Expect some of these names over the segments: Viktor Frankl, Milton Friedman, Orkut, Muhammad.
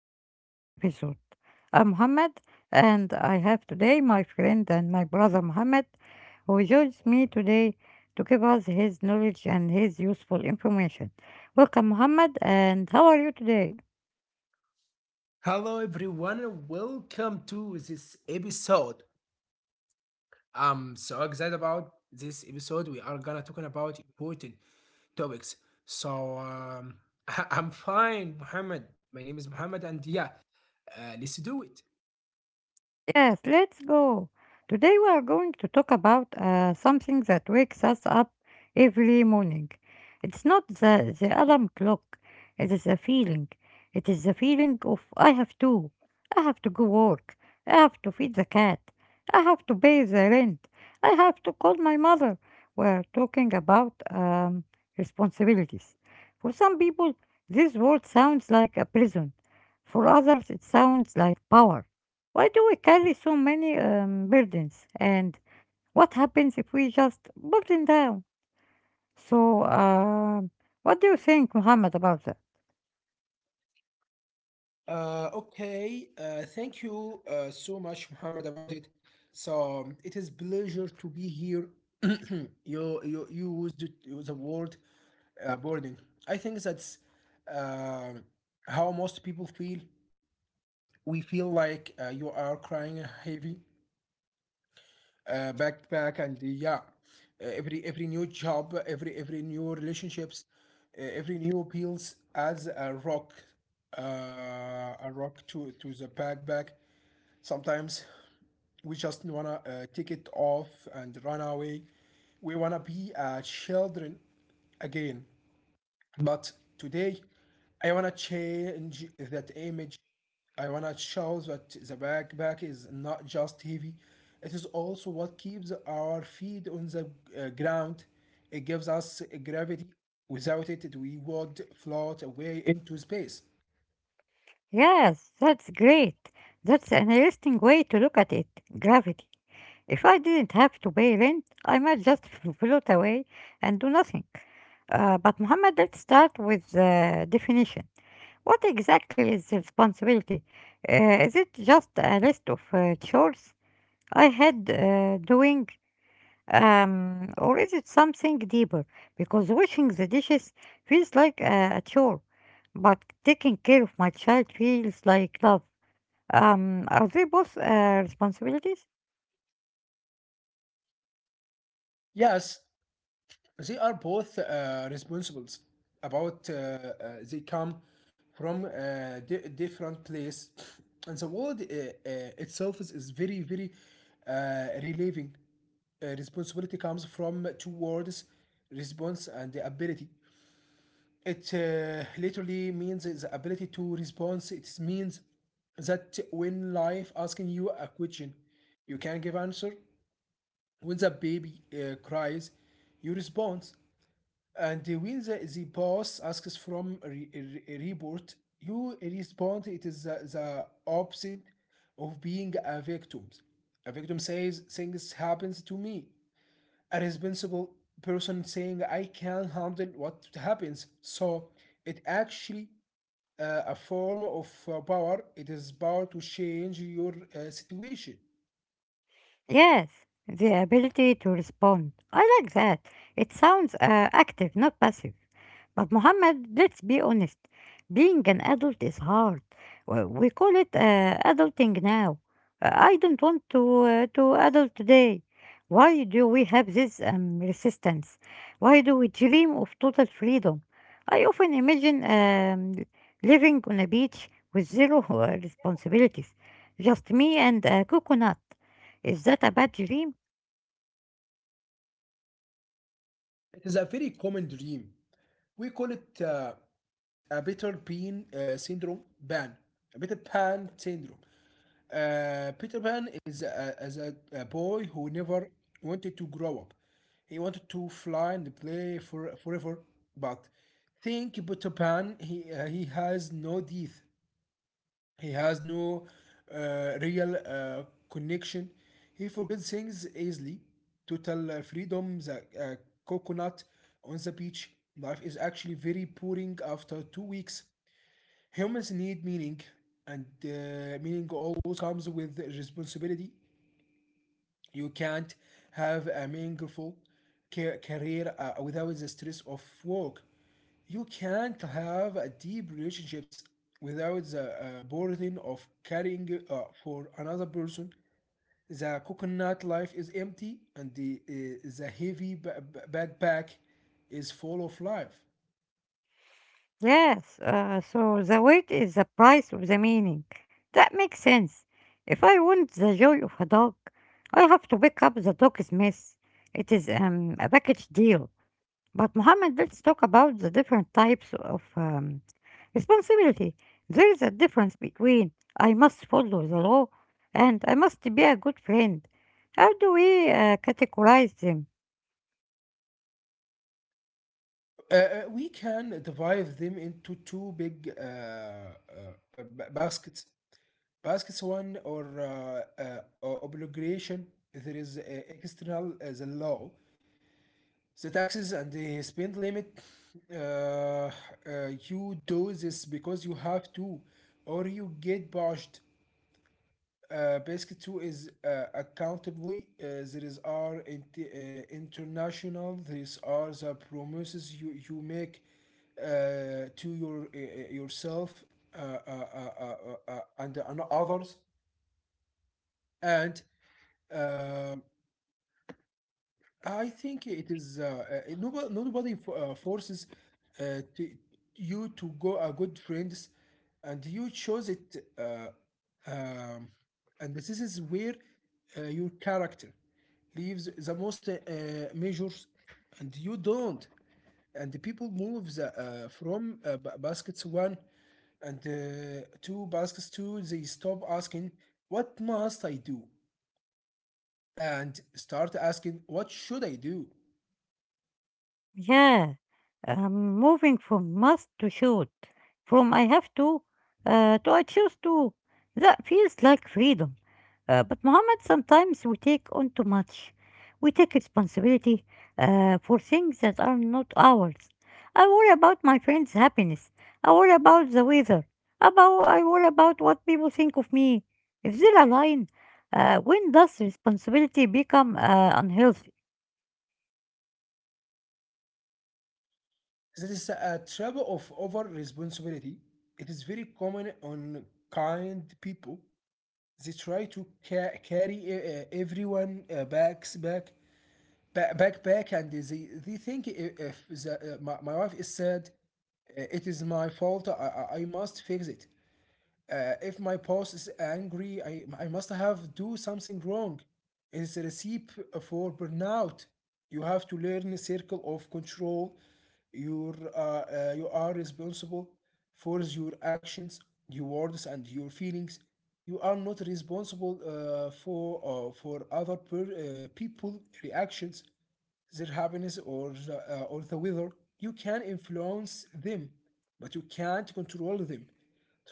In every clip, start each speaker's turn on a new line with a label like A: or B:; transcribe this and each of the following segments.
A: our new episode. I'm Mohammed, and I have today my friend and my brother Mohammed, who joins me today to give us his knowledge and his useful information. Welcome, Mohammed, and how are you today?
B: Hello, everyone, and welcome to this episode. I'm so excited about this episode. We are gonna talking about important topics. So um, I'm fine, Muhammad. My name is Muhammad, and yeah, let's do it.
A: Yes, let's go. Today we are going to talk about something that wakes us up every morning. It's not the alarm clock, it is a feeling. It is the feeling of I have to go work, I have to feed the cat, I have to pay the rent, I have to call my mother. We are talking about responsibilities. For some people, this word sounds like a prison. For others, it sounds like power. Why do we carry so many burdens? And what happens if we just burden down? So, what do you think, Muhammad, about that?
B: Okay, thank you so much, Muhammad, about it. It is pleasure to be here. You the word burden. I think that's um, how most people feel. We feel like you are crying heavy backpack, and yeah, every new job, every new relationships, every new pills adds a rock to the backpack. Sometimes we just wanna take it off and run away. We wanna be children again. But today, I wanna change that image. I wanna show that the backpack is not just heavy, it is also what keeps our feet on the ground. It gives us gravity. Without it, we would float away into space.
A: Yes, that's great. That's an interesting way to look at it. Gravity. If I didn't have to pay rent, I might just float away and do nothing. But Muhammad, let's start with the definition. What exactly is responsibility? Is it just a list of chores I had doing? Or is it something deeper? Because washing the dishes feels like a chore, but taking care of my child feels like love. Are they both responsibilities?
B: Yes, they are both responsible about they come from different place, and the world itself is very relieving. Responsibility comes from two words, response and the ability. It literally means the ability to respond. It means that when life asking you a question, you can give answer. When the baby cries, you respond, and when the boss asks from a, a report, you respond. It is the opposite of being a victim. A victim says things happens to me. A responsible person saying I can handle what happens. So it actually a form of power. It is power to change your situation.
A: Yes, the ability to respond. I like that. It sounds active, not passive. But Muhammad, let's be honest, being an adult is hard. We call it adulting now. I don't want to to adult today. Why do we have this resistance? Why do we dream of total freedom? I often imagine living on a beach with zero responsibilities, just me and a coconut. Is that a bad dream?
B: It is a very common dream. We call it a Peter Pan syndrome. Pan. A Peter Pan syndrome. Peter Pan is a boy who never wanted to grow up. He wanted to fly and play for forever, but think Peter Pan. He has no teeth. He has no real connection. He forgets things easily. Total freedom, the coconut on the beach. Life is actually very boring after 2 weeks. Humans need meaning, and meaning always comes with responsibility. You can't have a meaningful career without the stress of work. You can't have a deep relationships without the burden of caring for another person. The coconut life is empty, and the heavy backpack is full of life.
A: Yes, so the weight is the price of the meaning. That makes sense. If I want the joy of a dog, I have to pick up the dog's mess. It is a package deal. But Mohammed, let's talk about the different types of responsibility. There is a difference between I must follow the law and I must be a good friend. How do we categorize them?
B: We can divide them into two big baskets. Baskets one or obligation. There is external, the law, the taxes and the spend limit. Uh, uh, you do this because you have to, or you get bashed. Basically, two is accountably. There is are international. These are the promises you make to your yourself, uh, uh, uh, uh, and others, and um, I think it is nobody forces uh, to, you to go a good friends, and you chose it. Um, and this is where your character leaves the most measures, and you don't. And the people move from baskets one and two baskets two. They stop asking what must I do and start asking what should I do.
A: Yeah, I'm moving from must to should, from I have to to I choose to. That feels like freedom. But Mohammed, sometimes we take on too much. We take responsibility for things that are not ours. I worry about my friends' happiness. I worry about the weather. About I worry about what people think of me. If they're aligned, when does responsibility become unhealthy?
B: That is a trap of over responsibility. It is very common on kind people. They try to carry everyone backs back back back and they think if the, my wife is sad, it is my fault. I must fix it. If my boss is angry, I must have do something wrong. It's a recipe for burnout. You have to learn a circle of control. You are responsible for your actions, your words, and your feelings. You are not responsible for for other people reactions, their happiness or the weather. You can influence them, but you can't control them.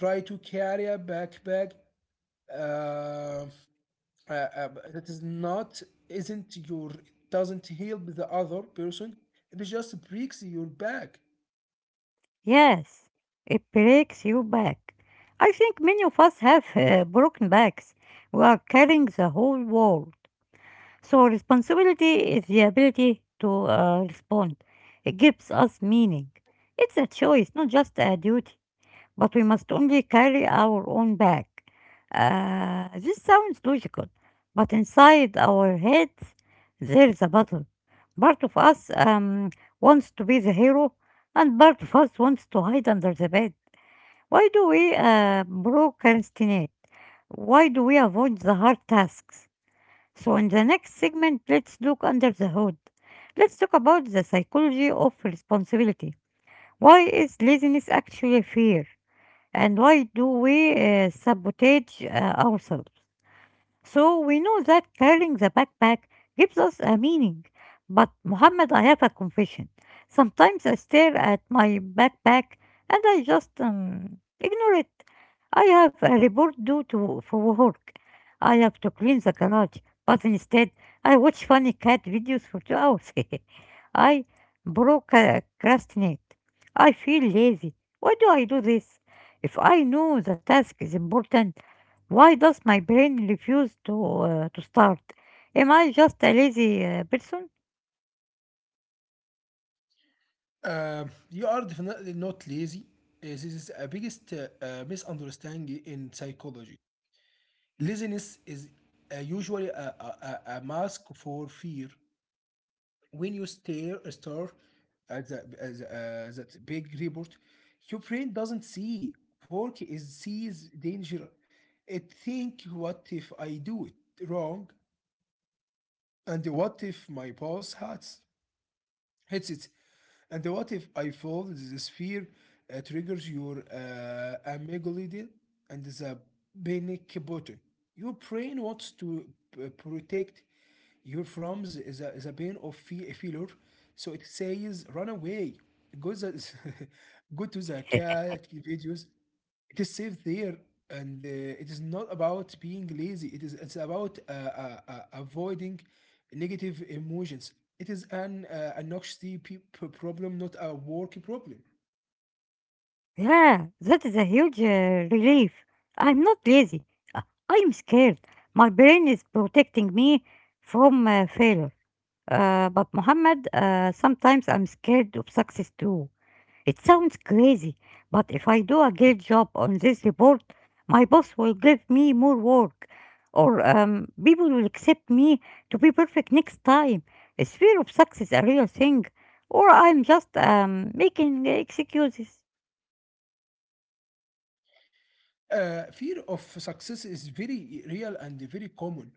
B: Try to carry a backpack uh, that is not isn't your doesn't help the other person. It just breaks your back.
A: Yes, it breaks you back. I think many of us have broken backs. We are carrying the whole world. So, responsibility is the ability to respond, it gives us meaning. It's a choice, not just a duty, but we must only carry our own bag. This sounds logical, but inside our heads there is a battle. Part of us wants to be the hero, and part of us wants to hide under the bed. Why do we procrastinate? Why do we avoid the hard tasks? So, in the next segment, let's look under the hood. Let's talk about the psychology of responsibility. Why is laziness actually fear? And why do we sabotage ourselves? So we know that carrying the backpack gives us a meaning. But Muhammad, I have a confession. Sometimes I stare at my backpack and I just ignore it. I have a report due to for work. I have to clean the garage, but instead I watch funny cat videos for 2 hours. I procrastinate. I feel lazy. Why do I do this? If I know the task is important, why does my brain refuse to to start? Am I just a lazy person?
B: You are definitely not lazy. This is a biggest misunderstanding in psychology. Laziness is usually a mask for fear. When you stare at the, that big report, your brain doesn't see work is sees danger. It think what if I do it wrong and what if my boss hurts headsets. And what if I fall? The sphere triggers your amygdala and the panic button. Your brain wants to protect you from the, the pain of failure, so it says, "Run away, go the, go to the cat videos." It is safe there, and it is not about being lazy. It is it's about avoiding negative emotions. It is an anxiety problem, not a work problem.
A: Yeah, that is a huge relief. I'm not lazy. Uh, I'm scared. My brain is protecting me from failure. But Muhammad, sometimes I'm scared of success too. It sounds crazy, but if I do a great job on this report, my boss will give me more work, or people will accept me to be perfect next time. Is fear of success a real thing, or I'm just making excuses?
B: Fear of success is very real and very common.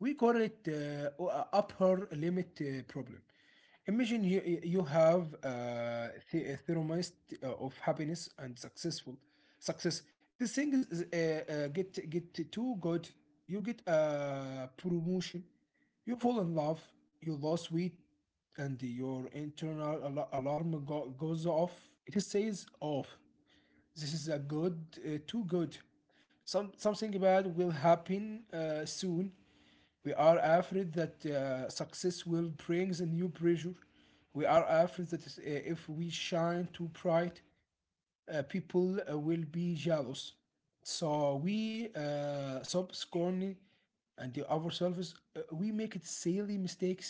B: We call it upper limit problem. Imagine you have a thermist of happiness and success. This thing is, get too good. You get a promotion. You fall in love. You lose weight, and your internal alarm goes off. It says off this is a good, too good. Something bad will happen soon. We are afraid that success will bring the new pressure. We are afraid that if we shine too bright, people will be jealous. So we stop scorning and the ourselves. We make it silly mistakes.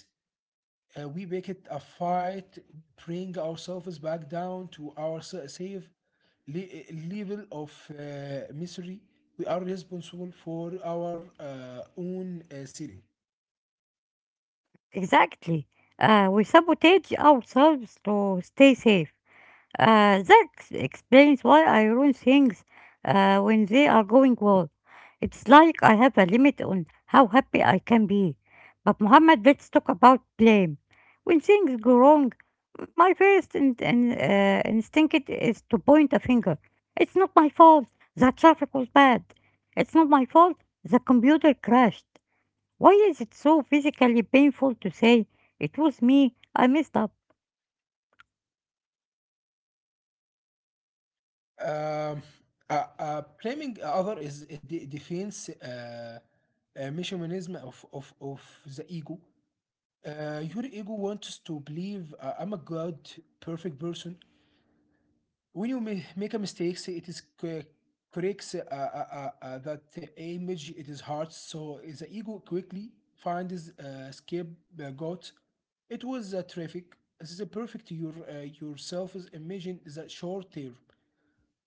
B: We make it a fight, bring ourselves back down to our safe level of misery. We are responsible for our own city.
A: Exactly. We sabotage ourselves to stay safe. That explains why I ruin things when they are going well. It's like I have a limit on how happy I can be. But Muhammad, let's talk about blame. When things go wrong, my first instinct is to point a finger. It's not my fault. The traffic was bad. It's not my fault. The computer crashed. Why is it so physically painful to say, it was me, I messed up?
B: Um, blaming other is a defense mechanism of the ego. Your ego wants to believe I'm a good, perfect person. When you make a mistake, say it is corrects that image. It is hard, so is the ego quickly finds scapegoat. It was traffic. This is a perfect your yourself is imagine the short term.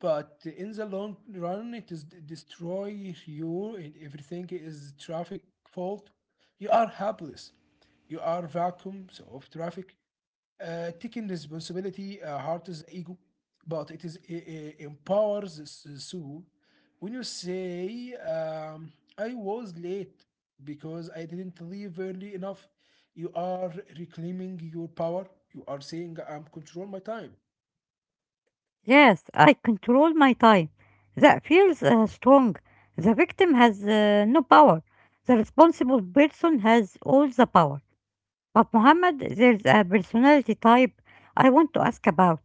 B: But in the long run, it is destroy you, and everything is traffic fault. You are helpless. You are vacuums of traffic. Taking responsibility hurts ego, but it is empowers the soul. When you say, "I was late because I didn't leave early enough," you are reclaiming your power. You are saying, "I'm control my time."
A: Yes, I control my time. That feels strong. The victim has no power. The responsible person has all the power. But Muhammad, there's a personality type I want to ask about.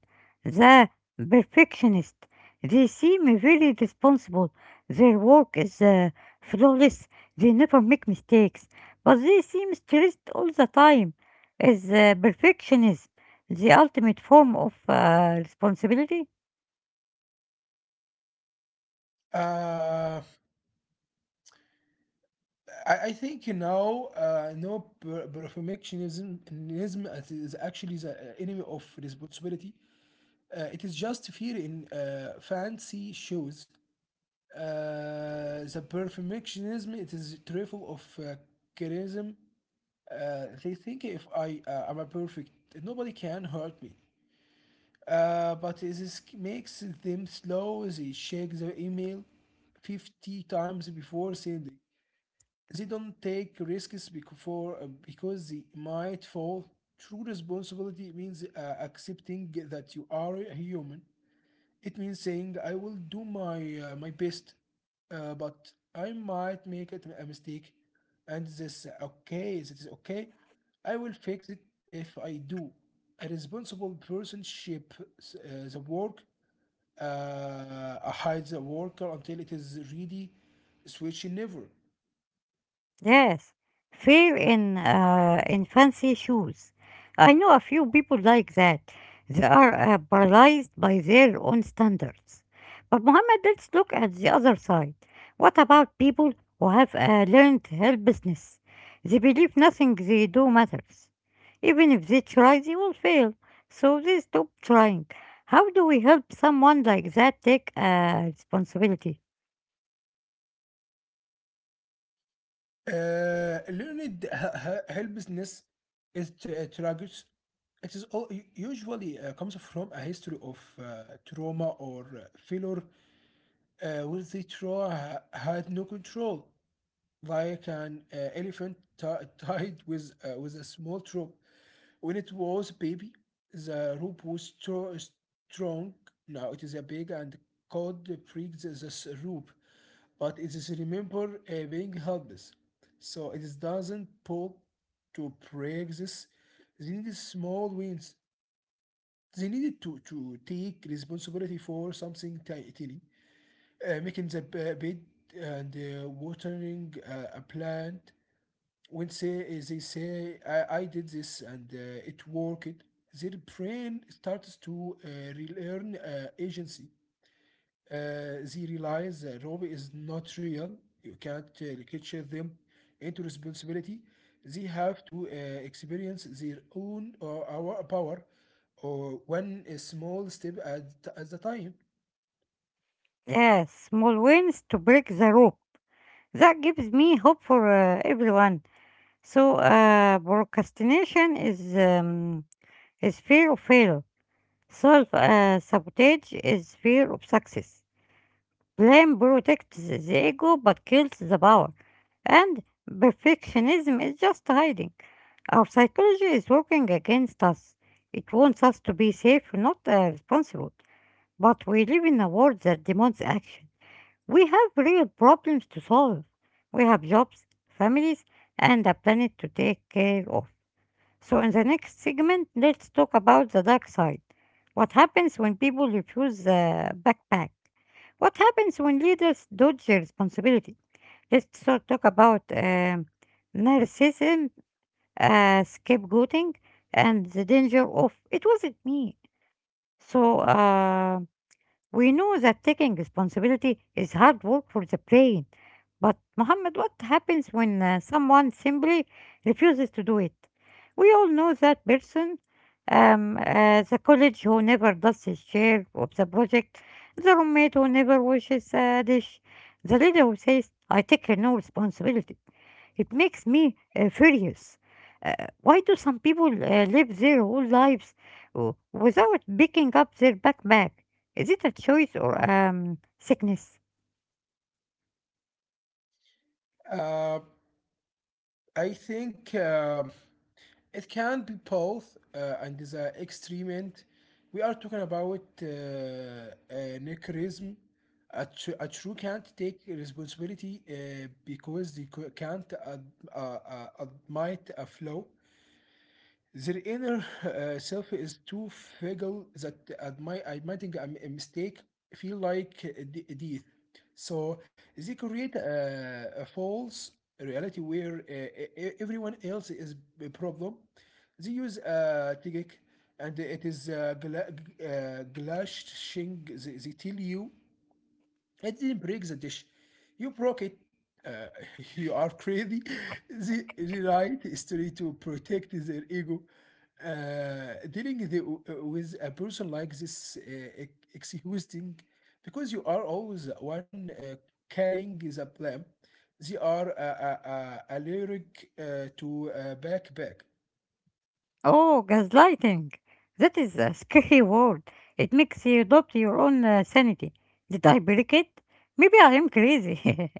A: The perfectionist. They seem very responsible. Their work is flawless. They never make mistakes. But they seem stressed all the time. Is perfectionism the ultimate form of responsibility?
B: Uh, I think you know no perfectionism ism is actually the enemy of responsibility. It is just fear in fancy shoes. The perfectionism it is trifle of charism. They think if I am a perfect, nobody can hurt me. But this makes them slow. They check the email 50 times before sending. They don't take risks before because they might fall. True responsibility means accepting that you are a human. It means saying, I will do my best, but I might make it a mistake. And this, okay, this is okay. I will fix it if I do. A responsible person ship the work, hides the worker until it is ready, switch never.
A: Yes, fear in in fancy shoes. I know a few people like that. They are paralyzed by their own standards. But Mohammed, let's look at the other side. What about people who have learned helplessness? They believe nothing they do matters. Even if they try, they will fail. So they stop trying. How do we help someone like that take responsibility?
B: Learned helplessness is tragic. It is all, usually comes from a history of trauma or failure where the trauma had no control, like an elephant tied with a small rope. When it was a baby, the rope was strong. Now it is a big and cold break the rope, but it is remember being helpless. So it is doesn't pull to break this. They need small wins. They needed to take responsibility for something tiny, making the bed and watering a plant. When say eh, they say I did this and it worked, their brain starts to relearn agency. They realize Robbie is not real. You can't lecture them into responsibility. They have to experience their own or our power, or one small step at the time.
A: Yes, small wins to break the rope. That gives me hope for everyone. So procrastination is fear of failure. Self sabotage is fear of success. Blame protects the ego but kills the power. And perfectionism is just hiding. Our psychology is working against us. It wants us to be safe, not responsible. But we live in a world that demands action. We have real problems to solve. We have jobs, families, and a planet to take care of. So, in the next segment, let's talk about the dark side. What happens when people refuse the backpack? What happens when leaders dodge their responsibility? Let's talk about narcissism, scapegoating, and the danger of it wasn't me. So, we know that taking responsibility is hard work for the brain. But, Muhammad, what happens when someone simply refuses to do it? We all know that person, the college who never does his share of the project, the roommate who never washes a dish, the leader who says, I take no responsibility. It makes me furious. Uh, why do some people live their whole lives without picking up their backpack? Is it a choice or sickness?
B: Uh, I think it can be both, and the extreme we are talking about nihilism. A true can't take responsibility because they can't admit a flaw. Their inner self is too fragile that admitting a mistake feel like a death. So they create a false reality where everyone else is a problem. They use a tagik, and it is glashing. They tell you, I didn't break the dish. You broke it. Uh, you are crazy. The right history to protect their ego. Dealing with a person like this, exhausting because you are always the one carrying the blame. They are allergic to backpack.
A: Oh, gaslighting. That is a scary word. It makes you doubt your own sanity. Did I break it? Maybe I am crazy.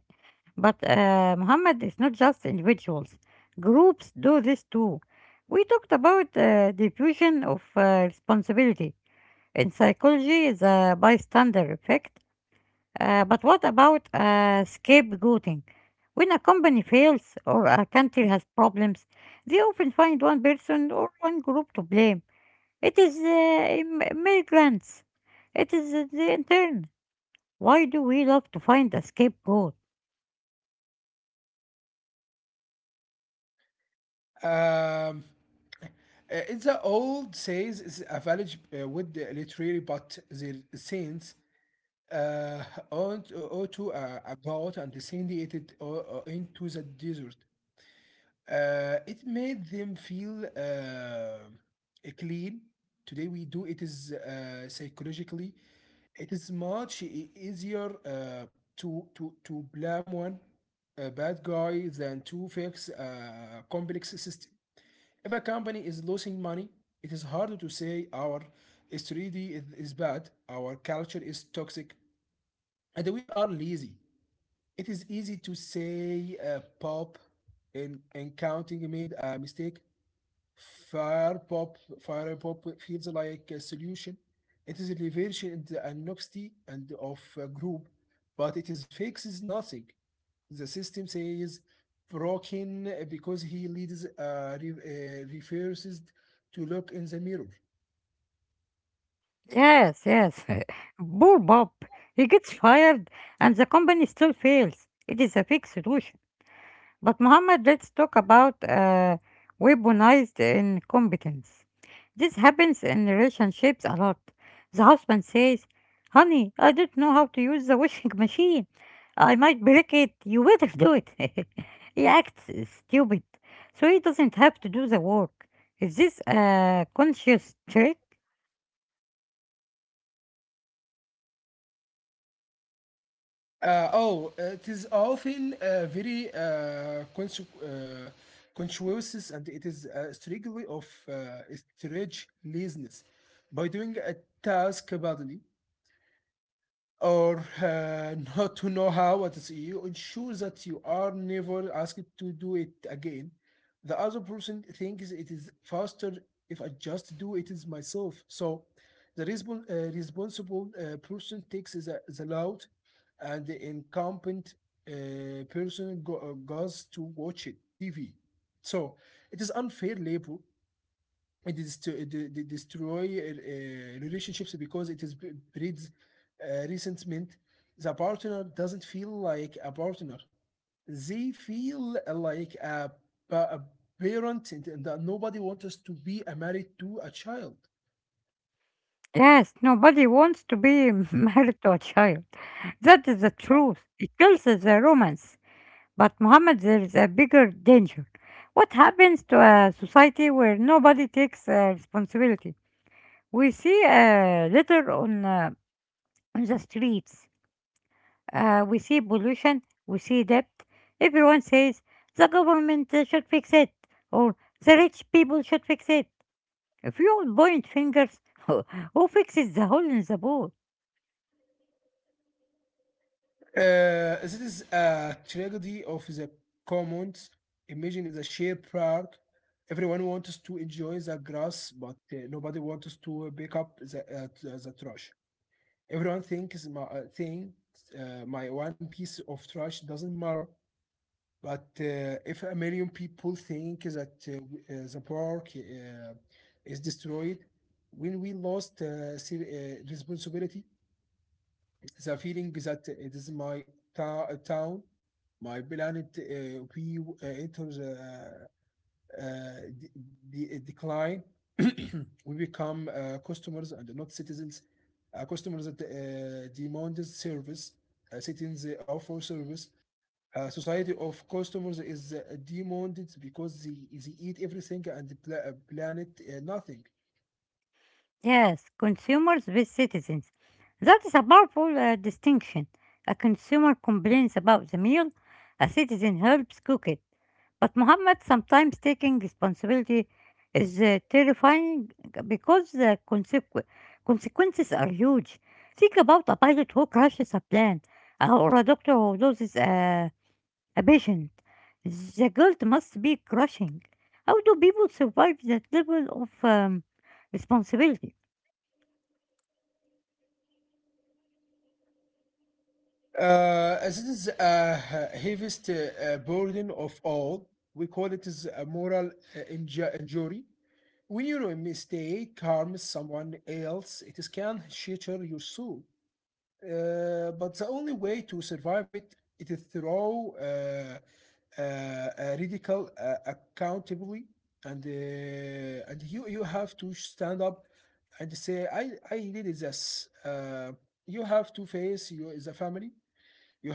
A: But Muhammad is not just individuals. Groups do this too. We talked about diffusion of responsibility. In psychology, is a bystander effect. But what about scapegoating? When a company fails or a country has problems, they often find one person or one group to blame. It is immigrants. It is the intern. Why do we love to find a scapegoat?
B: Um, uh, It's the old says is a village with the literary but their sense, uh, aunt Otto about and send it into the desert. It made them feel clean. Today we do it is psychologically. It is much easier to blame one bad guy than to fix a complex system. If a company is losing money, it is harder to say our strategy is bad, our culture is toxic. And we are lazy. It is easy to say pop in counting made a mistake. Fire pop feels like a solution. It is a reversion and the anonymity and of a group, but it is fixes nothing. The system says broken because he leads refuses to look in the mirror.
A: Yes, yes. Poor Bob. He gets fired and the company still fails. It is a fixed solution. But Mohammed, let's talk about weaponized incompetence. This happens in relationships a lot. The husband says, Honey, I don't know how to use the washing machine. I might break it. You better do it. He acts stupid, so he doesn't have to do the work. Is this a conscious trick?
B: Oh, it is often very conscious, and it is a struggle of uh, stretch laziness. By doing a task badly, or not to know how it is, you ensure that you are never asked to do it again. The other person thinks it is faster if I just do it is myself, so the responsible person takes the loud, and the incompetent person goes to watch it TV, so it is unfair labor. It is to destroy relationships because it is breeds resentment. The partner doesn't feel like a partner; they feel like a parent, and that nobody wants us to be a married to a child.
A: Yes, nobody wants to be married to a child. That is the truth. It kills the romance. But Mohammed, there is a bigger danger. What happens to a society where nobody takes responsibility? We see litter on on the streets. We see pollution. We see debt. Everyone says the government should fix it, or the rich people should fix it. If you all point fingers, who fixes the hole in the wall?
B: This is a tragedy of the commons. Imagine is a shared park. Everyone wants to enjoy the grass, but nobody wants to pick up the trash. Everyone thinks my one piece of trash doesn't matter, but if a million people think that, the park is destroyed. When we lost responsibility, the feeling that it is my town, my planet, we enter the uh, de- decline. We become customers and not citizens. Customers that demand service. Citizens offer service. Society of customers is demanded because they eat everything and the planet nothing.
A: Yes, consumers with citizens. That is a powerful distinction. A consumer complains about the meal, a citizen helps cook it. But Muhammad, sometimes taking responsibility is terrifying because the consequences are huge. Think about a pilot who crashes a plane or a doctor who loses a patient. The guilt must be crushing. How do people survive that level of responsibility?
B: As it is a heaviest burden of all, we call it is a moral injury. When your mistake harms someone else, it can shatter your soul. But the only way to survive it, it is through radical accountability, and and you have to stand up and say, I did this. You have to face your the family.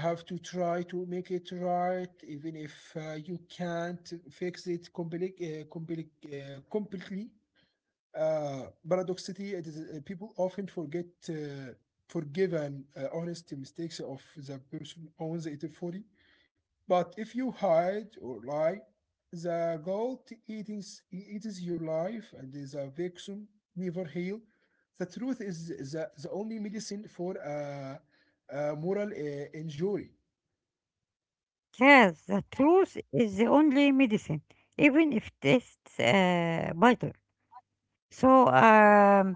B: You have to try to make it right, even if you can't fix it completely. Paradoxicity, it is, people often forget uh, forgive and honest mistakes of the person owns it fully. But if you hide or lie, the guilt eatings eats your life and the victim never heal. The truth is the only medicine for a moral injury.
A: Yes, the truth is the only medicine, even if it tastes bitter. So, um,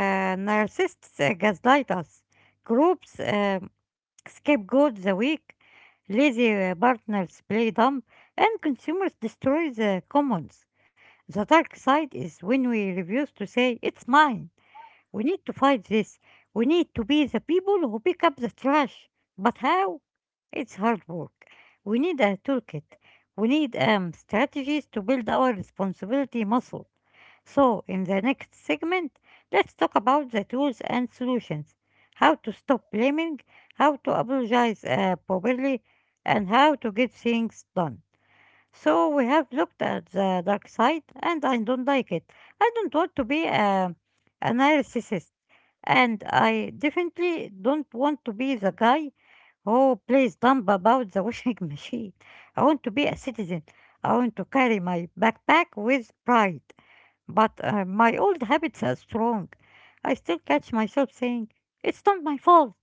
A: uh, narcissists gaslight us. Groups scapegoat the weak, lazy partners play dumb, and consumers destroy the commons. The dark side is when we refuse to say, it's mine. We need to fight this. We need to be the people who pick up the trash. But how? It's hard work. We need a toolkit. We need strategies to build our responsibility muscle. So, in the next segment, let's talk about the tools and solutions, how to stop blaming, how to apologize properly, and how to get things done. So, we have looked at the dark side, and I don't like it. I don't want to be a narcissist. And I definitely don't want to be the guy who plays dumb about the washing machine. I want to be a citizen. I want to carry my backpack with pride. But my old habits are strong. I still catch myself saying, it's not my fault,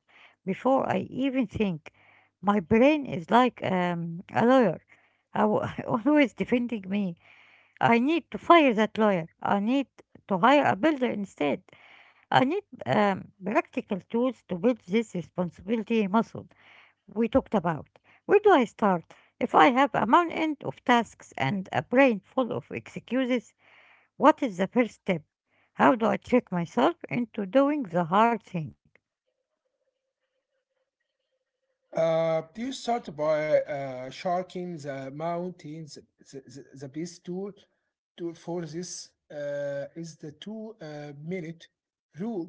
A: before I even think. My brain is like a lawyer, aw- always defending me. I need to fire that lawyer. I need to hire a builder instead. I need practical tools to build this responsibility muscle we talked about. Where do I start? If I have a mountain of tasks and a brain full of excuses, what is the first step? How do I trick myself into doing the hard thing?
B: You start by shocking the mountains. The best tool for this is the two minute rule.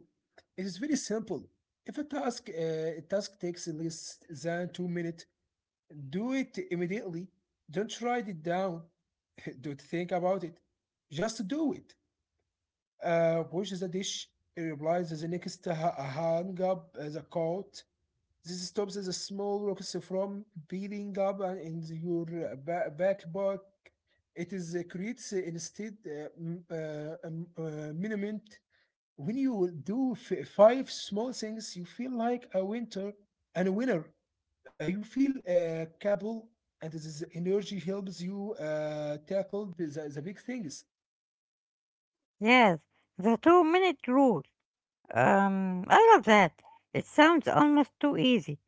B: It is very simple. If a task takes less than 2 minutes, do it immediately. Don't write it down. Don't think about it. Just do it. Wash the dish. Replies the next hang up the coat. This stops the small rocks from building up in your backpack. It is creates instead monument. When you do five small things, you feel like a winter and a winner. You feel capable, and this energy helps you tackle the big things.
A: Yes, the 2 minute rule. I love that. It sounds almost too easy,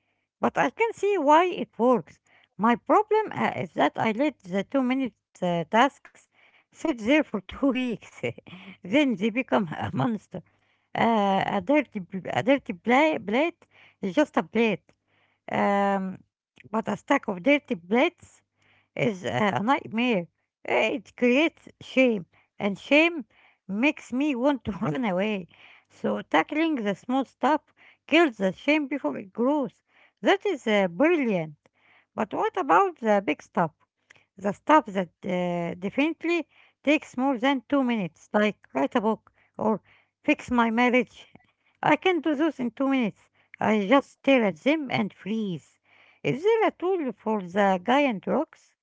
A: but I can see why it works. My problem is that I let the 2 minute tasks sit there for 2 weeks. Then they become a monster. A dirty, a dirty plate is just a plate. Um, but a stack of dirty plates is a nightmare. It creates shame, and shame makes me want to run away. So tackling the small stuff kills the shame before it grows. That is brilliant. But what about the big stuff? The stuff that definitely takes more than 2 minutes, like write a book or fix my marriage. I can do those in 2 minutes. I just stare at them and freeze. Is there a tool for the giant rocks?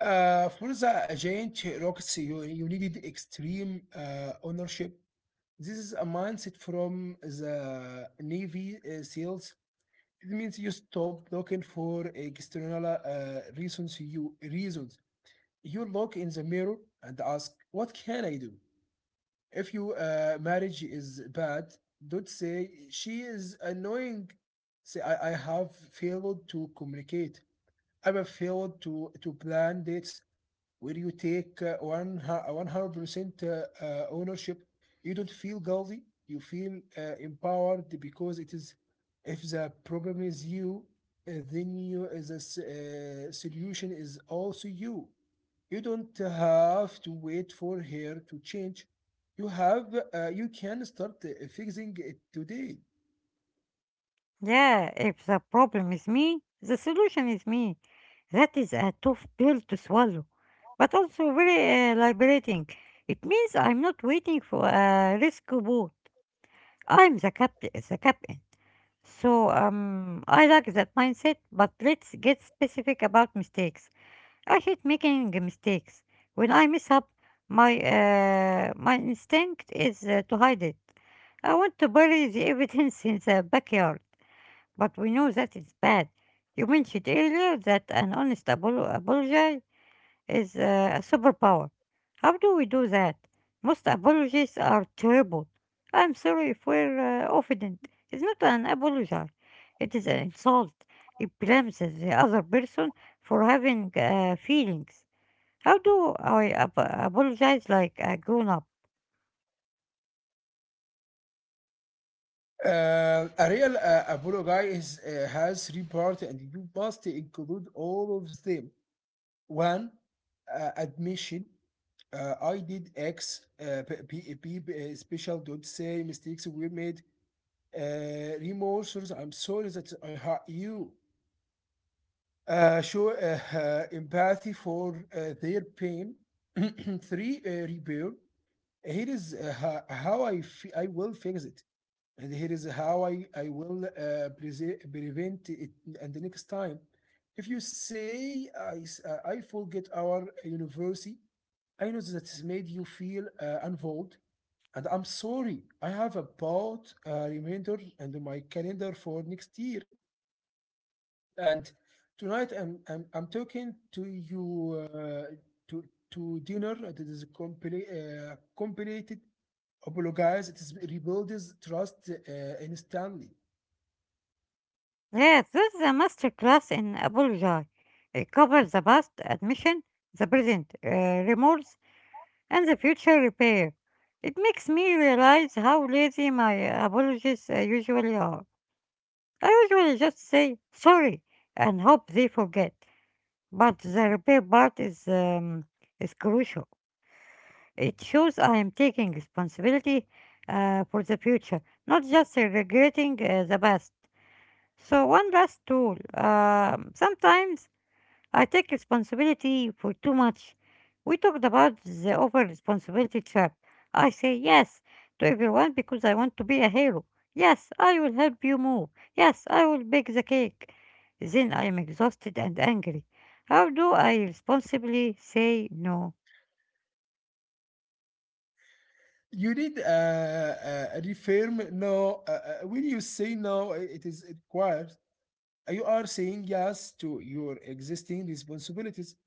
B: For the giant rocks, you needed extreme ownership. This is a mindset from the Navy SEALs. It means you stop looking for external reasons. You reasons. You look in the mirror and ask, "What can I do?" If your marriage is bad, don't say she is annoying. Say I have failed to communicate. I have failed to plan dates where you take one 100% ownership. You don't feel guilty, you feel empowered, because it is if the problem is you, then you as a solution is also you. You don't have to wait for her to change. you have you can start fixing it today.
A: Yeah, if the problem is me, the solution is me. That is a tough pill to swallow, but also very liberating. It means I'm not waiting for a rescue boat. I'm the captain. The captain. So I like that mindset. But let's get specific about mistakes. I hate making mistakes. When I mess up, my instinct is to hide it. I want to bury the evidence in the backyard. But we know that it's bad. You mentioned earlier that an honest apology is a superpower. How do we do that? Most apologies are terrible. I'm sorry if we're offended. It's not an apology, it is an insult. It blames the other person for having feelings. How do I apologize like a grown up?
B: A real apology has three parts, and you must include all of them. One, admission. I did X. Special dot say mistakes were made. Remorse. I'm sorry that I hurt you. Show empathy for their pain. Three, repair. Here is how I will fix it, and here is how I will prevent it. And the next time, if you say, I forget our university, I know that's made you feel involved, and I'm sorry. I have about a reminder and my calendar for next year. And tonight I'm talking to you, to to dinner. It is complicated. Apologize. It is rebuilds trust instantly.
A: Yes, this is a master class in apology. It covers the past admission, the present remorse, and the future repair. It makes me realize how lazy my apologies usually are. I usually just say sorry and hope they forget. But the repair part is crucial. It shows I am taking responsibility for the future, not just regretting the past. So one last tool. Sometimes I take responsibility for too much. We talked about the over responsibility trap. I say yes to everyone because I want to be a hero. Yes, I will help you move. Yes, I will bake the cake. Then I am exhausted and angry. How do I responsibly say no?
B: You need reaffirm no. When you say no, it is required. You are saying yes to your existing responsibilities.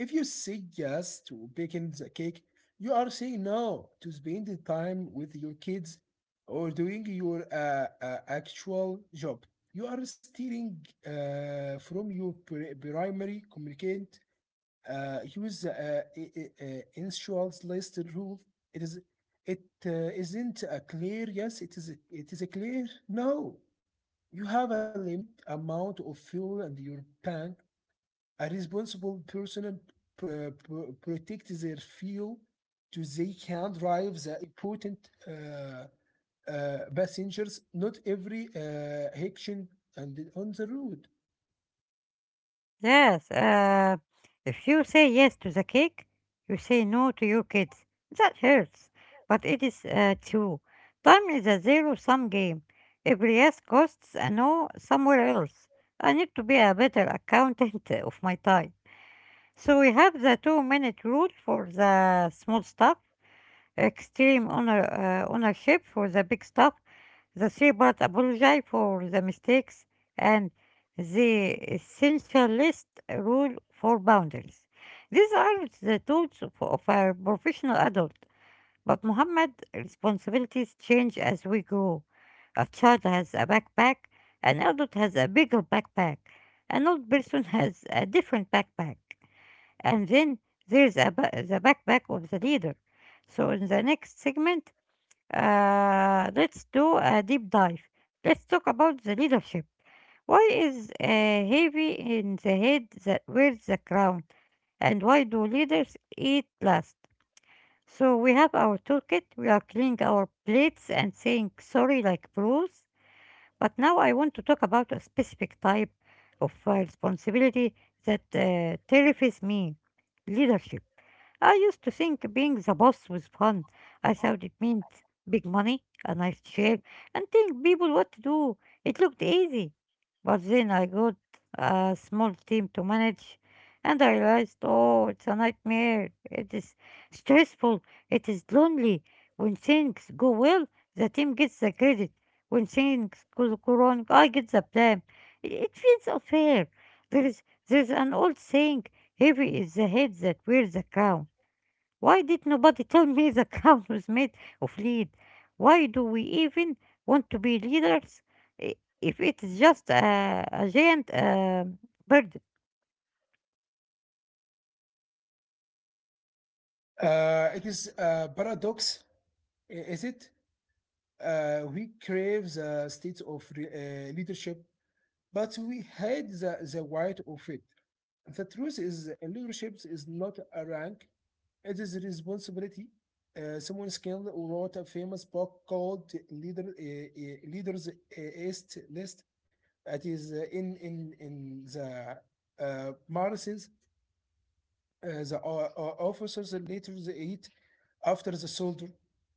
B: If you say yes to baking the cake, you are saying no to spending time with your kids or doing your actual job. You are stealing from your primary communicant. Use the insurance list rule. It is it Isn't a clear yes. It is a clear no. You have a limit amount of fuel in your tank. A responsible person p- protects their fuel so they can drive the important passengers, not every action and on the road.
A: Yes, if you say yes to the cake, you say no to your kids. That hurts, but it is true. Time is a zero-sum game. Every yes costs a no somewhere else. I need to be a better accountant of my time. So we have the 2-minute rule for the small stuff, extreme honor, ownership for the big stuff, the shepherd apologized for the mistakes and the essentialist rule for boundaries. These are the tools of a professional adult, but Muhammad, responsibilities change as we grow. A child has a backpack, an adult has a bigger backpack, an old person has a different backpack, and then there's the backpack of the leader. So, in the next segment, let's do a deep dive. Let's talk about the leadership. Why is heavy in the head that wears the crown? And why do leaders eat last? So we have our toolkit, we are cleaning our plates and saying sorry like pros. But now I want to talk about a specific type of responsibility that terrifies me, leadership. I used to think being the boss was fun. I thought it meant big money, a nice chair, and telling people what to do. It looked easy. But then I got a small team to manage, and I realized, oh, it's a nightmare. It is stressful. It is lonely. When things go well, the team gets the credit. When things go wrong, I get the blame. It feels unfair. There is there's an old saying, heavy is the head that wears the crown. Why did nobody tell me the cow was made of lead? Why do we even want to be leaders i- if it is just a giant bird?
B: It is a paradox, is it? We crave the state of leadership, but we hate the right of it. The truth is, leadership is not a rank. It is a responsibility. Someone skilled wrote a famous book called Leaders East List. It is in the Martians, the officers later they eat after the soldier.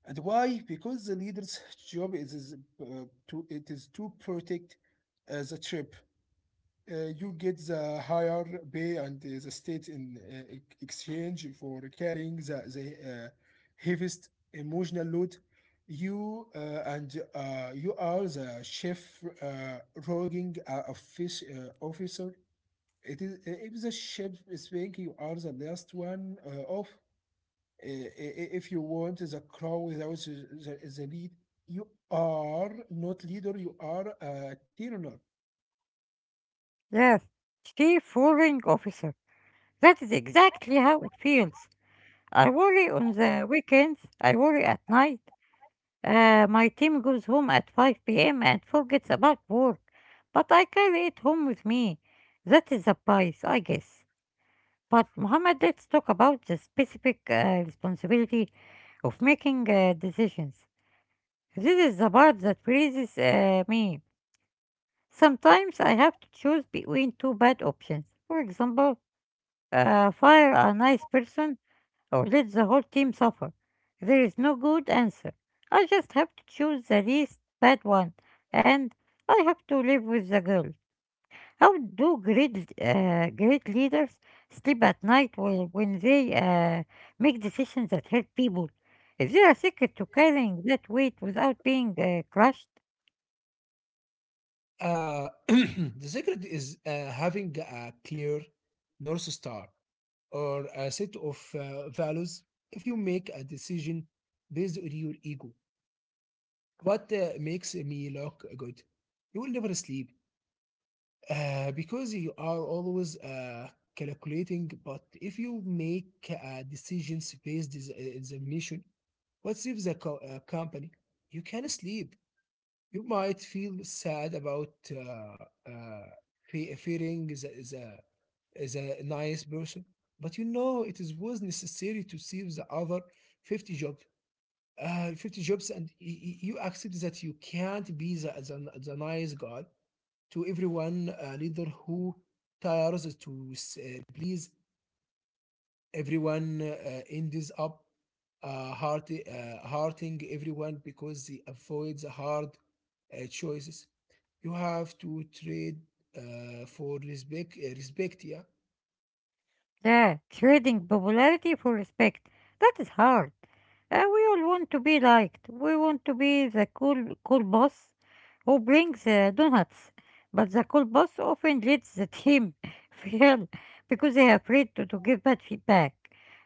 B: And why? Because the leader's job uh, is to protect the ship. You get the higher pay and the state in exchange for carrying the heaviest emotional load. You uh, you are the chief roguing officer. It is if the ship is speaking, you are the last one off. Uh, if you want the crow without the lead, you are not leader. You are a tyranny.
A: Yes, chief warring officer. That is exactly how it feels. I worry on the weekends. I worry at night. My team goes home at 5 p.m. and forgets about work, but I carry it home with me. That is a price, I guess. But Mohammed, let's talk about the specific responsibility of making decisions. This is the part that raises me. Sometimes I have to choose between two bad options. For example, fire a nice person or let the whole team suffer. There is no good answer. I just have to choose the least bad one, and I have to live with the guilt. How do great leaders sleep at night when they make decisions that help people? Is there a secret to carrying that weight without being crushed?
B: The secret is having a clear North Star or a set of values. If you make a decision based on your ego, what makes me look good, you will never sleep because you are always calculating. But if you make decisions based on the mission, what saves the company, you can sleep. You might feel sad about fearing is a nice person, but you know it is was necessary to see the other 50 jobs, and you accept that you can't be the nice guy to everyone leader who tires to please everyone ends up hurting everyone because they avoid the hard choices. You have to trade for respect, yeah.
A: Yeah, trading popularity for respect. That is hard. We all want to be liked. We want to be the cool boss who brings donuts. But the cool boss often lets the team fail because they are afraid to give bad feedback.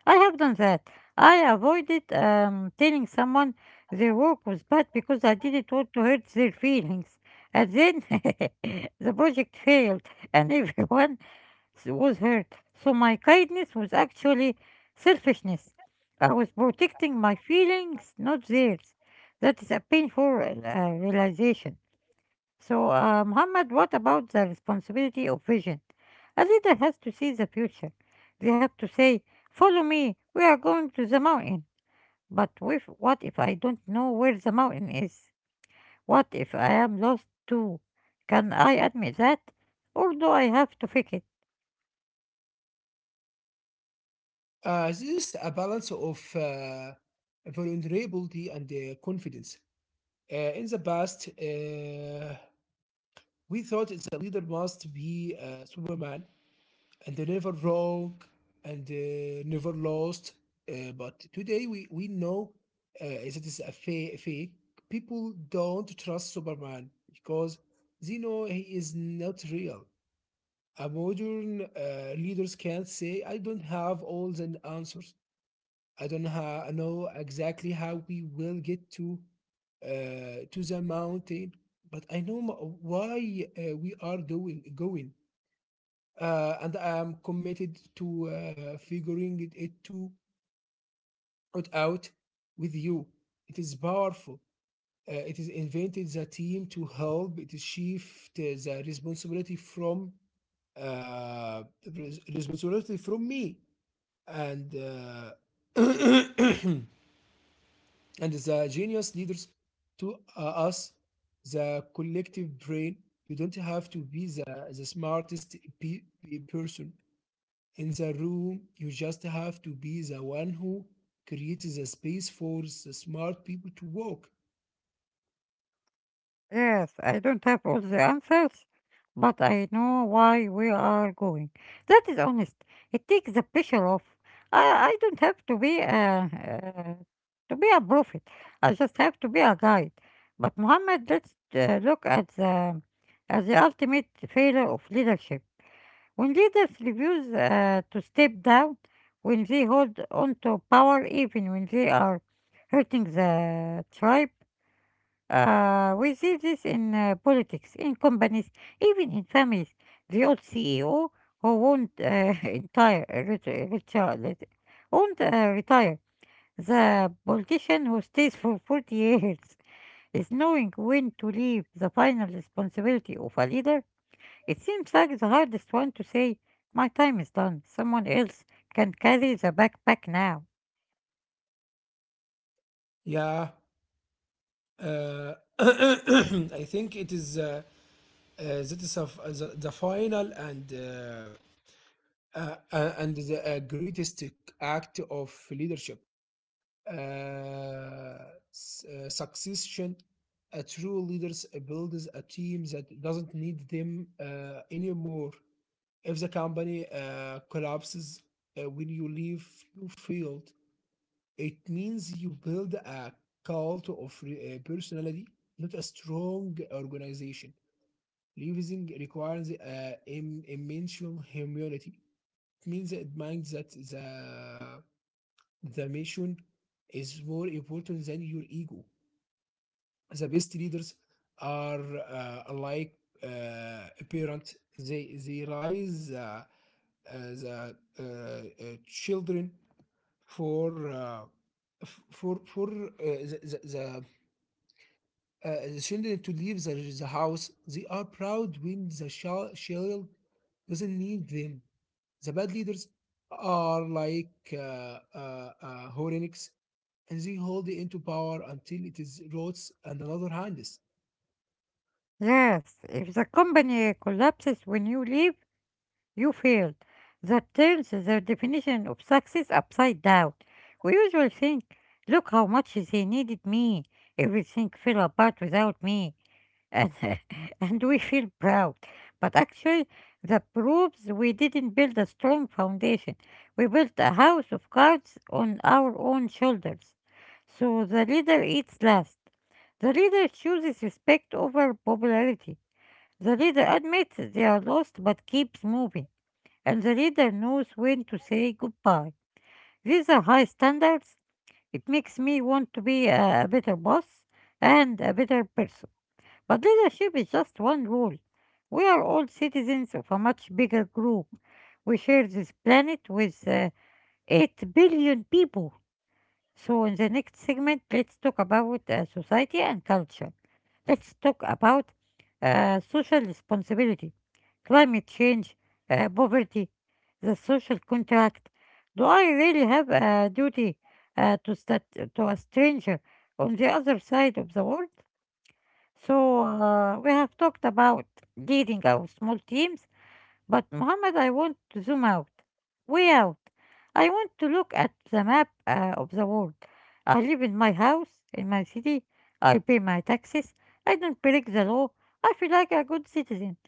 A: I have done that. I avoided telling someone their work was bad because I didn't want to hurt their feelings. And then the project failed and everyone was hurt. So my kindness was actually selfishness. I was protecting my feelings, not theirs. That is a painful realization. So, Muhammad, what about the responsibility of vision? A leader has to see the future. They have to say, follow me, we are going to the mountain. But with, what if I don't know where the mountain is? What if I am lost too? Can I admit that? Or do I have to fake it?
B: This is a balance of vulnerability and confidence. In the past, we thought the leader must be Superman and never wrong and never lost. But today we know, uh, it's a fake. People don't trust Superman because they know he is not real. A modern leaders can't say, I don't have all the answers. I don't know exactly how we will get to the mountain, but I know why we are doing going, and I am committed to figuring it out with you. It is powerful. It is invented the team to help. It is shift the responsibility from uh, responsibility from me and. And the genius leaders to us, the collective brain. You don't have to be the smartest person in the room. You just have to be the one who creates a space for the smart people to walk.
A: Yes, I don't have all the answers, but I know why we are going. That is honest. It takes the pressure off. I, I don't have to be to be a prophet. I just have to be a guide. But Muhammad, let's look at the ultimate failure of leadership. When leaders refuse to step down, when they hold on to power even when they are hurting the tribe, we see this in politics, in companies, even in families. The old CEO who won't entire ret- retire, ret- won't retire. The politician who stays for 40 years, is knowing when to leave the final responsibility of a leader. It seems like the hardest one to say, my time is done. Someone else can carry the backpack now.
B: Yeah. I think it is that is the final and the greatest act of leadership. Uh, Succession, a true leaders builds a team that doesn't need them anymore. If the company collapses when you leave, you failed. It means you build a cult of personality, not a strong organization. Leaving requires immense humility. It means that the mission is more important than your ego. The best leaders are alike uh, parents. They raise uh, the children for f- for the the, the, the children to leave the house. They are proud when the child doesn't need them. The bad leaders are like Horenix, and they hold into power until it is rots and another hands.
A: Yes, if the company collapses when you leave, you failed. That turns their definition of success upside down. We usually think, look how much they needed me. Everything fell apart without me. And, and we feel proud. But actually, that proves we didn't build a strong foundation. We built a house of cards on our own shoulders. So the leader eats last. The leader chooses respect over popularity. The leader admits they are lost but keeps moving, and the leader knows when to say goodbye. These are high standards. It makes me want to be a better boss and a better person. But leadership is just one role. We are all citizens of a much bigger group. We share this planet with 8 billion people. So, in the next segment, let's talk about society and culture. Let's talk about social responsibility, climate change, poverty, the social contract. Do I really have a duty to a stranger on the other side of the world? So, we have talked about leading our small teams, but Mohammed, I want to zoom out, way out. I want to look at the map of the world. I live in my house, in my city. I pay my taxes. I don't break the law. I feel like a good citizen.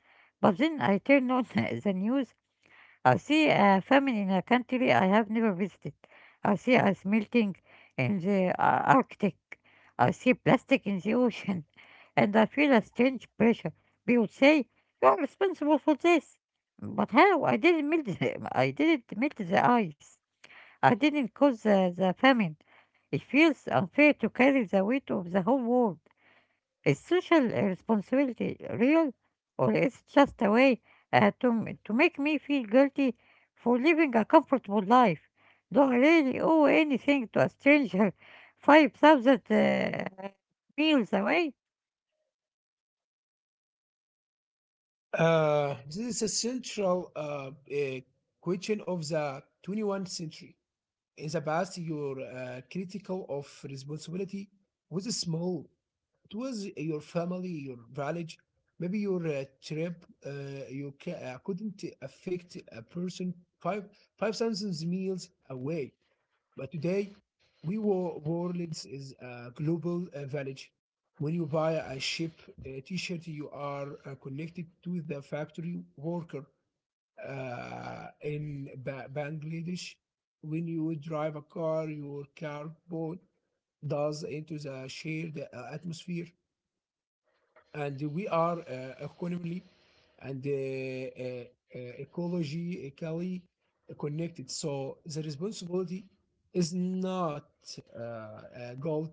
A: But then I turn on the news. I see a famine in a country I have never visited. I see ice melting in the Arctic. I see plastic in the ocean. And I feel a strange pressure. People say, you are responsible for this. But how? I didn't melt the, I didn't melt the ice. I didn't cause the famine. It feels unfair to carry the weight of the whole world. Is social responsibility real, or is it just a way to make me feel guilty for living a comfortable life? Do I really owe anything to a stranger 5,000 meals away?
B: This is a central question of the 21st century. In the past, your critical of responsibility was small. It was your family, your village, maybe your trip. You couldn't affect a person five thousand miles away. But today, we WeWar Worlds is a global village. When you buy a ship t-shirt, you are connected to the factory worker in Bangladesh. When you drive a car, your cardboard does into the shared atmosphere, and we are economically and ecologically connected. So the responsibility is not gold;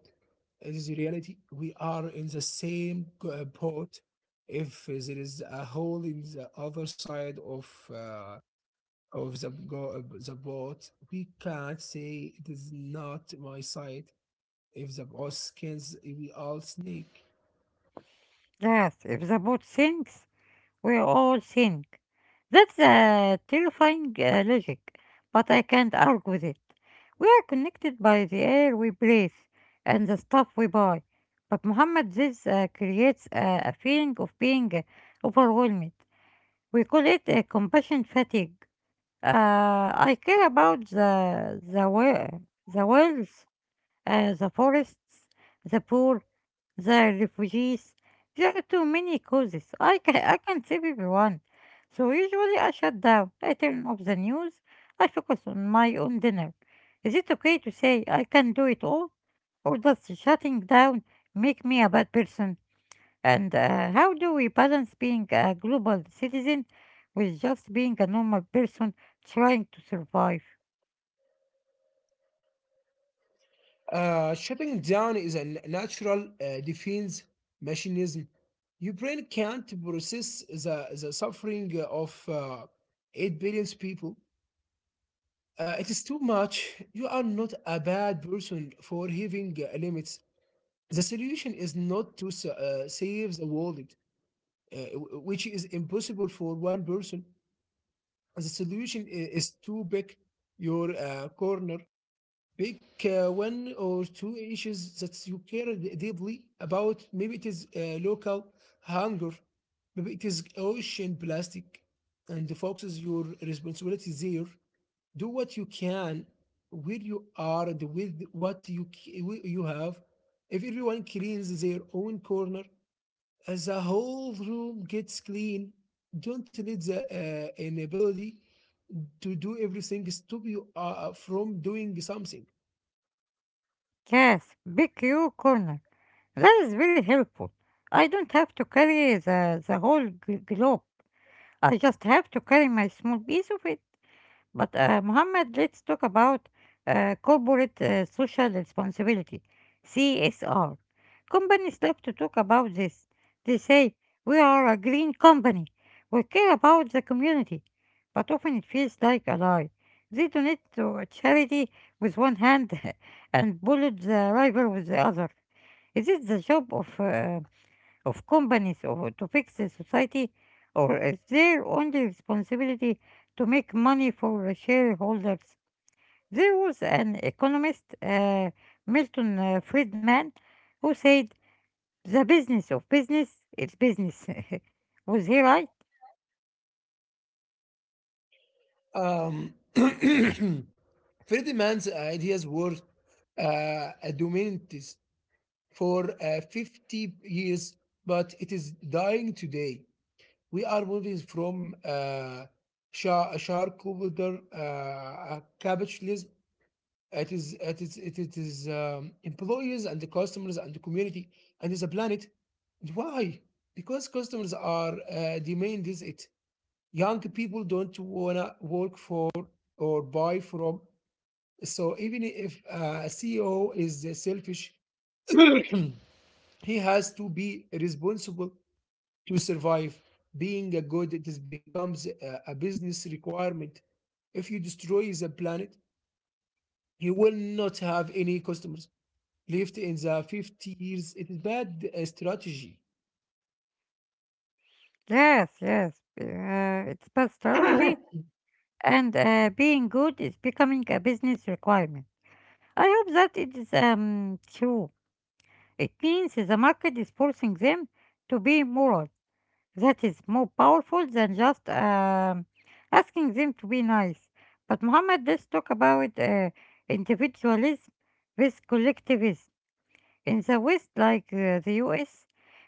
B: it is reality. We are in the same boat. If there is a hole in the other side uh, of the boat, we can't say it is not my side. If the boss scans, we all sneak.
A: Yes, if the boat sinks, we all think. That's a terrifying logic, but I can't argue with it. We are connected by the air we breathe and the stuff we buy. But Muhammad, this creates a feeling of being overwhelmed. We call it a compassion fatigue. I care about the wells, the forests, the poor, the refugees. There are too many causes. I can't save everyone. So usually I shut down. I turn off the news. I focus on my own dinner. Is it okay to say I can do it all? Or does shutting down make me a bad person? And how do we balance being a global citizen with just being a normal person trying to survive?
B: Shutting down is a natural defense mechanism. Your brain can't process the suffering of 8 billion people. It is too much. You are not a bad person for having limits. The solution is not to save the world, which is impossible for one person. The solution is to pick your corner. Pick one or two issues that you care deeply about. Maybe it is local hunger, maybe it is ocean plastic, and focuses your responsibility there. Do what you can, where you are, and with what you have. If everyone cleans their own corner, as a whole room gets clean. Don't let the inability to do everything stop you from doing something.
A: Yes, big you corner. That is really helpful. I don't have to carry the whole globe. I just have to carry my small piece of it. But, Mohammed, let's talk about corporate social responsibility, CSR. Companies love to talk about this. They say, we are a green company. We care about the community. But often it feels like a lie. They donate to a charity with one hand and bullet the rival with the other. Is it the job of companies or to fix the society, or is their only responsibility to make money for the shareholders? There was an economist, Milton Friedman, who said, the business of business is business. Was he right?
B: Um, Ferdinand ideas were uh, dominant for 50 years, but it is dying today. We are moving from charcuterie capitalism. It is employees and the customers and the community and is a planet. Why? Because customers are demand is it young people don't wanna work for or buy from. So even if a CEO is selfish, he has to be responsible to survive. Being a good, it is becomes a business requirement. If you destroy the planet, you will not have any customers left in the 50 years. It is bad strategy.
A: Yes, yes. It's best strategy, and being good is becoming a business requirement. I hope that it is true. It means the market is forcing them to be moral. That is more powerful than just asking them to be nice. But Muhammad, does talk about individualism with collectivism. In the West, like the US,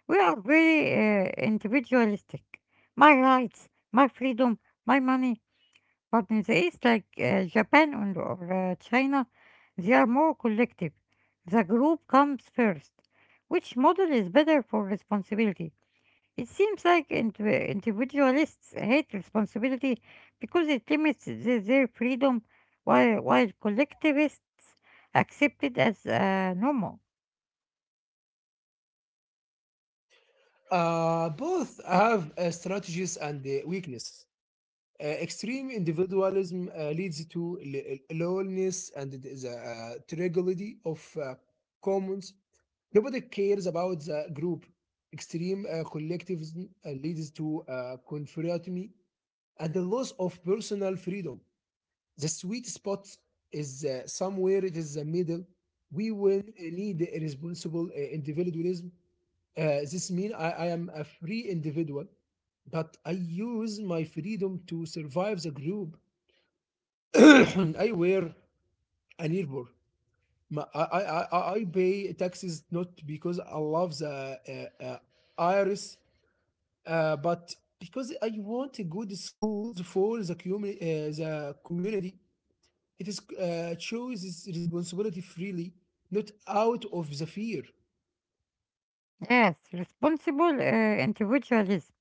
A: we are very individualistic. My rights, my freedom, my money. But in the East, like Japan and, or China, they are more collective. The group comes first. Which model is better for responsibility? It seems like individualists hate responsibility because it limits their freedom, while collectivists accept it as normal.
B: Both have strategies and weaknesses. Extreme individualism leads to loneliness and tragedy of commons. Nobody cares about the group. Extreme collectivism leads to conformity and the loss of personal freedom. The sweet spot is somewhere it is the middle. We will need a responsible individualism. This means I am a free individual, but I use my freedom to survive the group. I wear an earbud. I pay taxes not because I love the IRS, but because I want a good schools for the community. It is choose its responsibility freely, not out of the fear.
A: Yes, responsible individualism,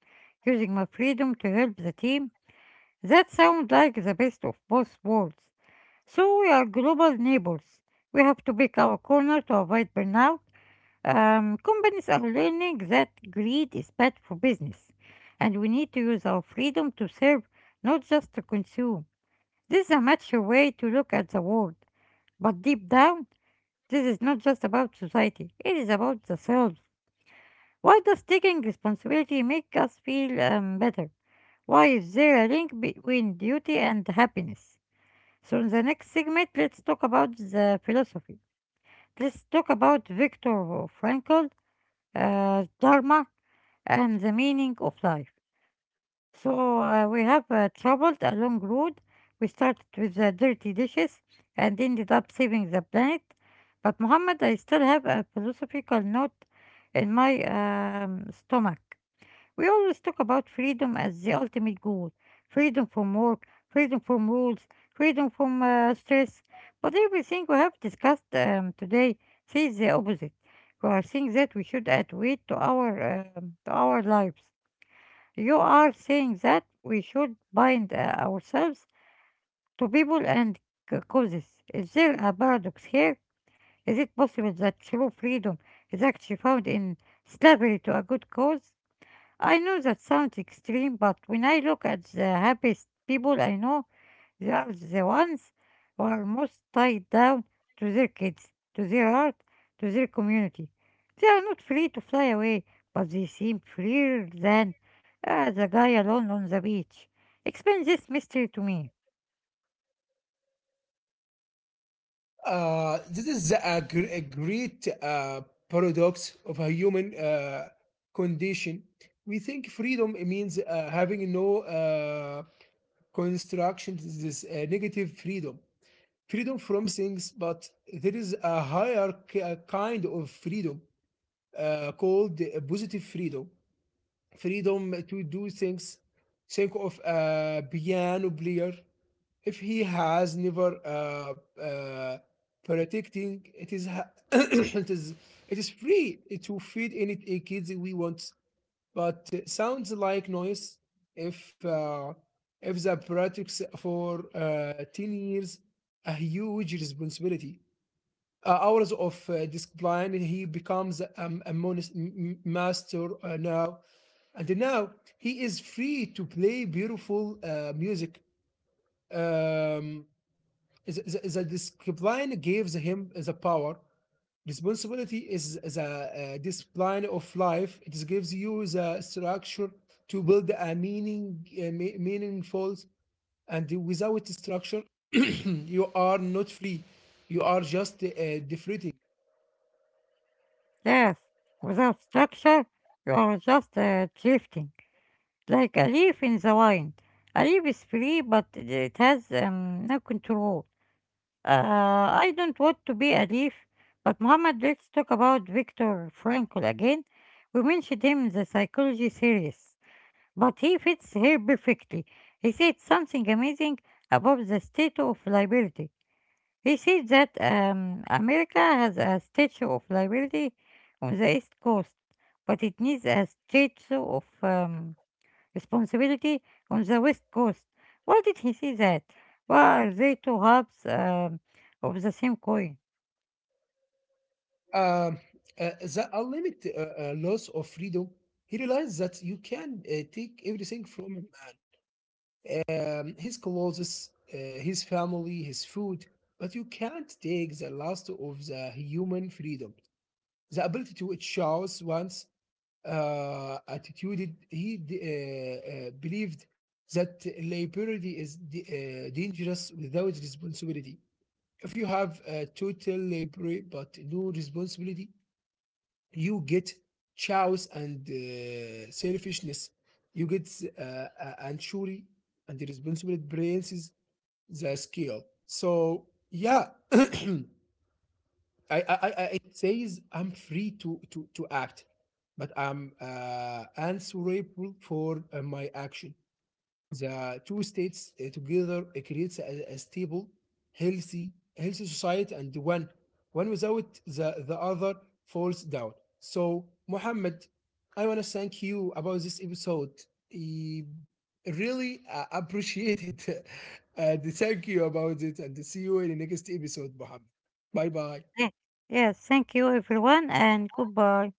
A: using my freedom to help the team. That sounds like the best of both worlds. So we are global neighbors. We have to pick our corner to avoid burnout. Companies are learning that greed is bad for business, and we need to use our freedom to serve, not just to consume. This is a mature way to look at the world, but deep down, this is not just about society, it is about the self. Why does taking responsibility make us feel better? Why is there a link between duty and happiness? So, in the next segment, let's talk about the philosophy. Let's talk about Viktor Frankl, dharma and the meaning of life. So we have traveled a long road. We started with the dirty dishes and ended up saving the planet. But Muhammad, I still have a philosophical note in my stomach. We always talk about freedom as the ultimate goal: freedom from work, freedom from rules, freedom from stress. But everything we have discussed today says the opposite. You are saying that we should add weight to to our lives. You are saying that we should bind ourselves to people and causes. Is there a paradox here? Is it possible that true freedom is actually found in slavery to a good cause? I know that sounds extreme, but when I look at the happiest people I know, they are the ones who are most tied down to their kids, to their art, to their community. They are not free to fly away, but they seem freer than the guy alone on the beach. Explain this mystery to me.
B: This is a great paradox of a human condition. We think freedom means having no constructions, this negative freedom, freedom from things, but there is a higher kind of freedom called positive freedom. Freedom to do things. Think of a piano player. If he has never protecting, it is it is free to feed any kids we want. But sounds like noise. If uh, if the projects for 10 years, a huge responsibility hours of discipline. He becomes a master now, and now he is free to play beautiful music. Um, the discipline gives him the power. Responsibility is the discipline of life. It gives you the structure to build a meaningful, and without structure, you are not free. You are just deflating.
A: Yes, without structure, you are just drifting, like a leaf in the wind. A leaf is free, but it has no control. I don't want to be a thief, but Muhammad, let's talk about Viktor Frankl again. We mentioned him in the psychology series, but he fits here perfectly. He said something amazing about the Statue of Liberty. He said that America has a Statue of Liberty on the East Coast, but it needs a statue of responsibility on the West Coast. Why did he say that? Why are they two halves of the same coin?
B: Um, the ultimate loss of freedom, he realized that you can take everything from a man, his clothes, his family, his food, but you can't take the last of the human freedom. The ability to choose one's attitude, he believed that liberty is dangerous without responsibility. If you have total liberty but no responsibility, you get chows and selfishness. You get anchory, and the responsible brains the skill. So, yeah. It says I'm free to act, but I'm answerable for my action. The two states together creates a stable, healthy society, and one without the other falls down. So, Muhammad, I want to thank you about this episode. I really appreciate it, and thank you about it. And see you in the next episode, Muhammad. Bye bye.
A: Yeah. Yes, thank you everyone and goodbye.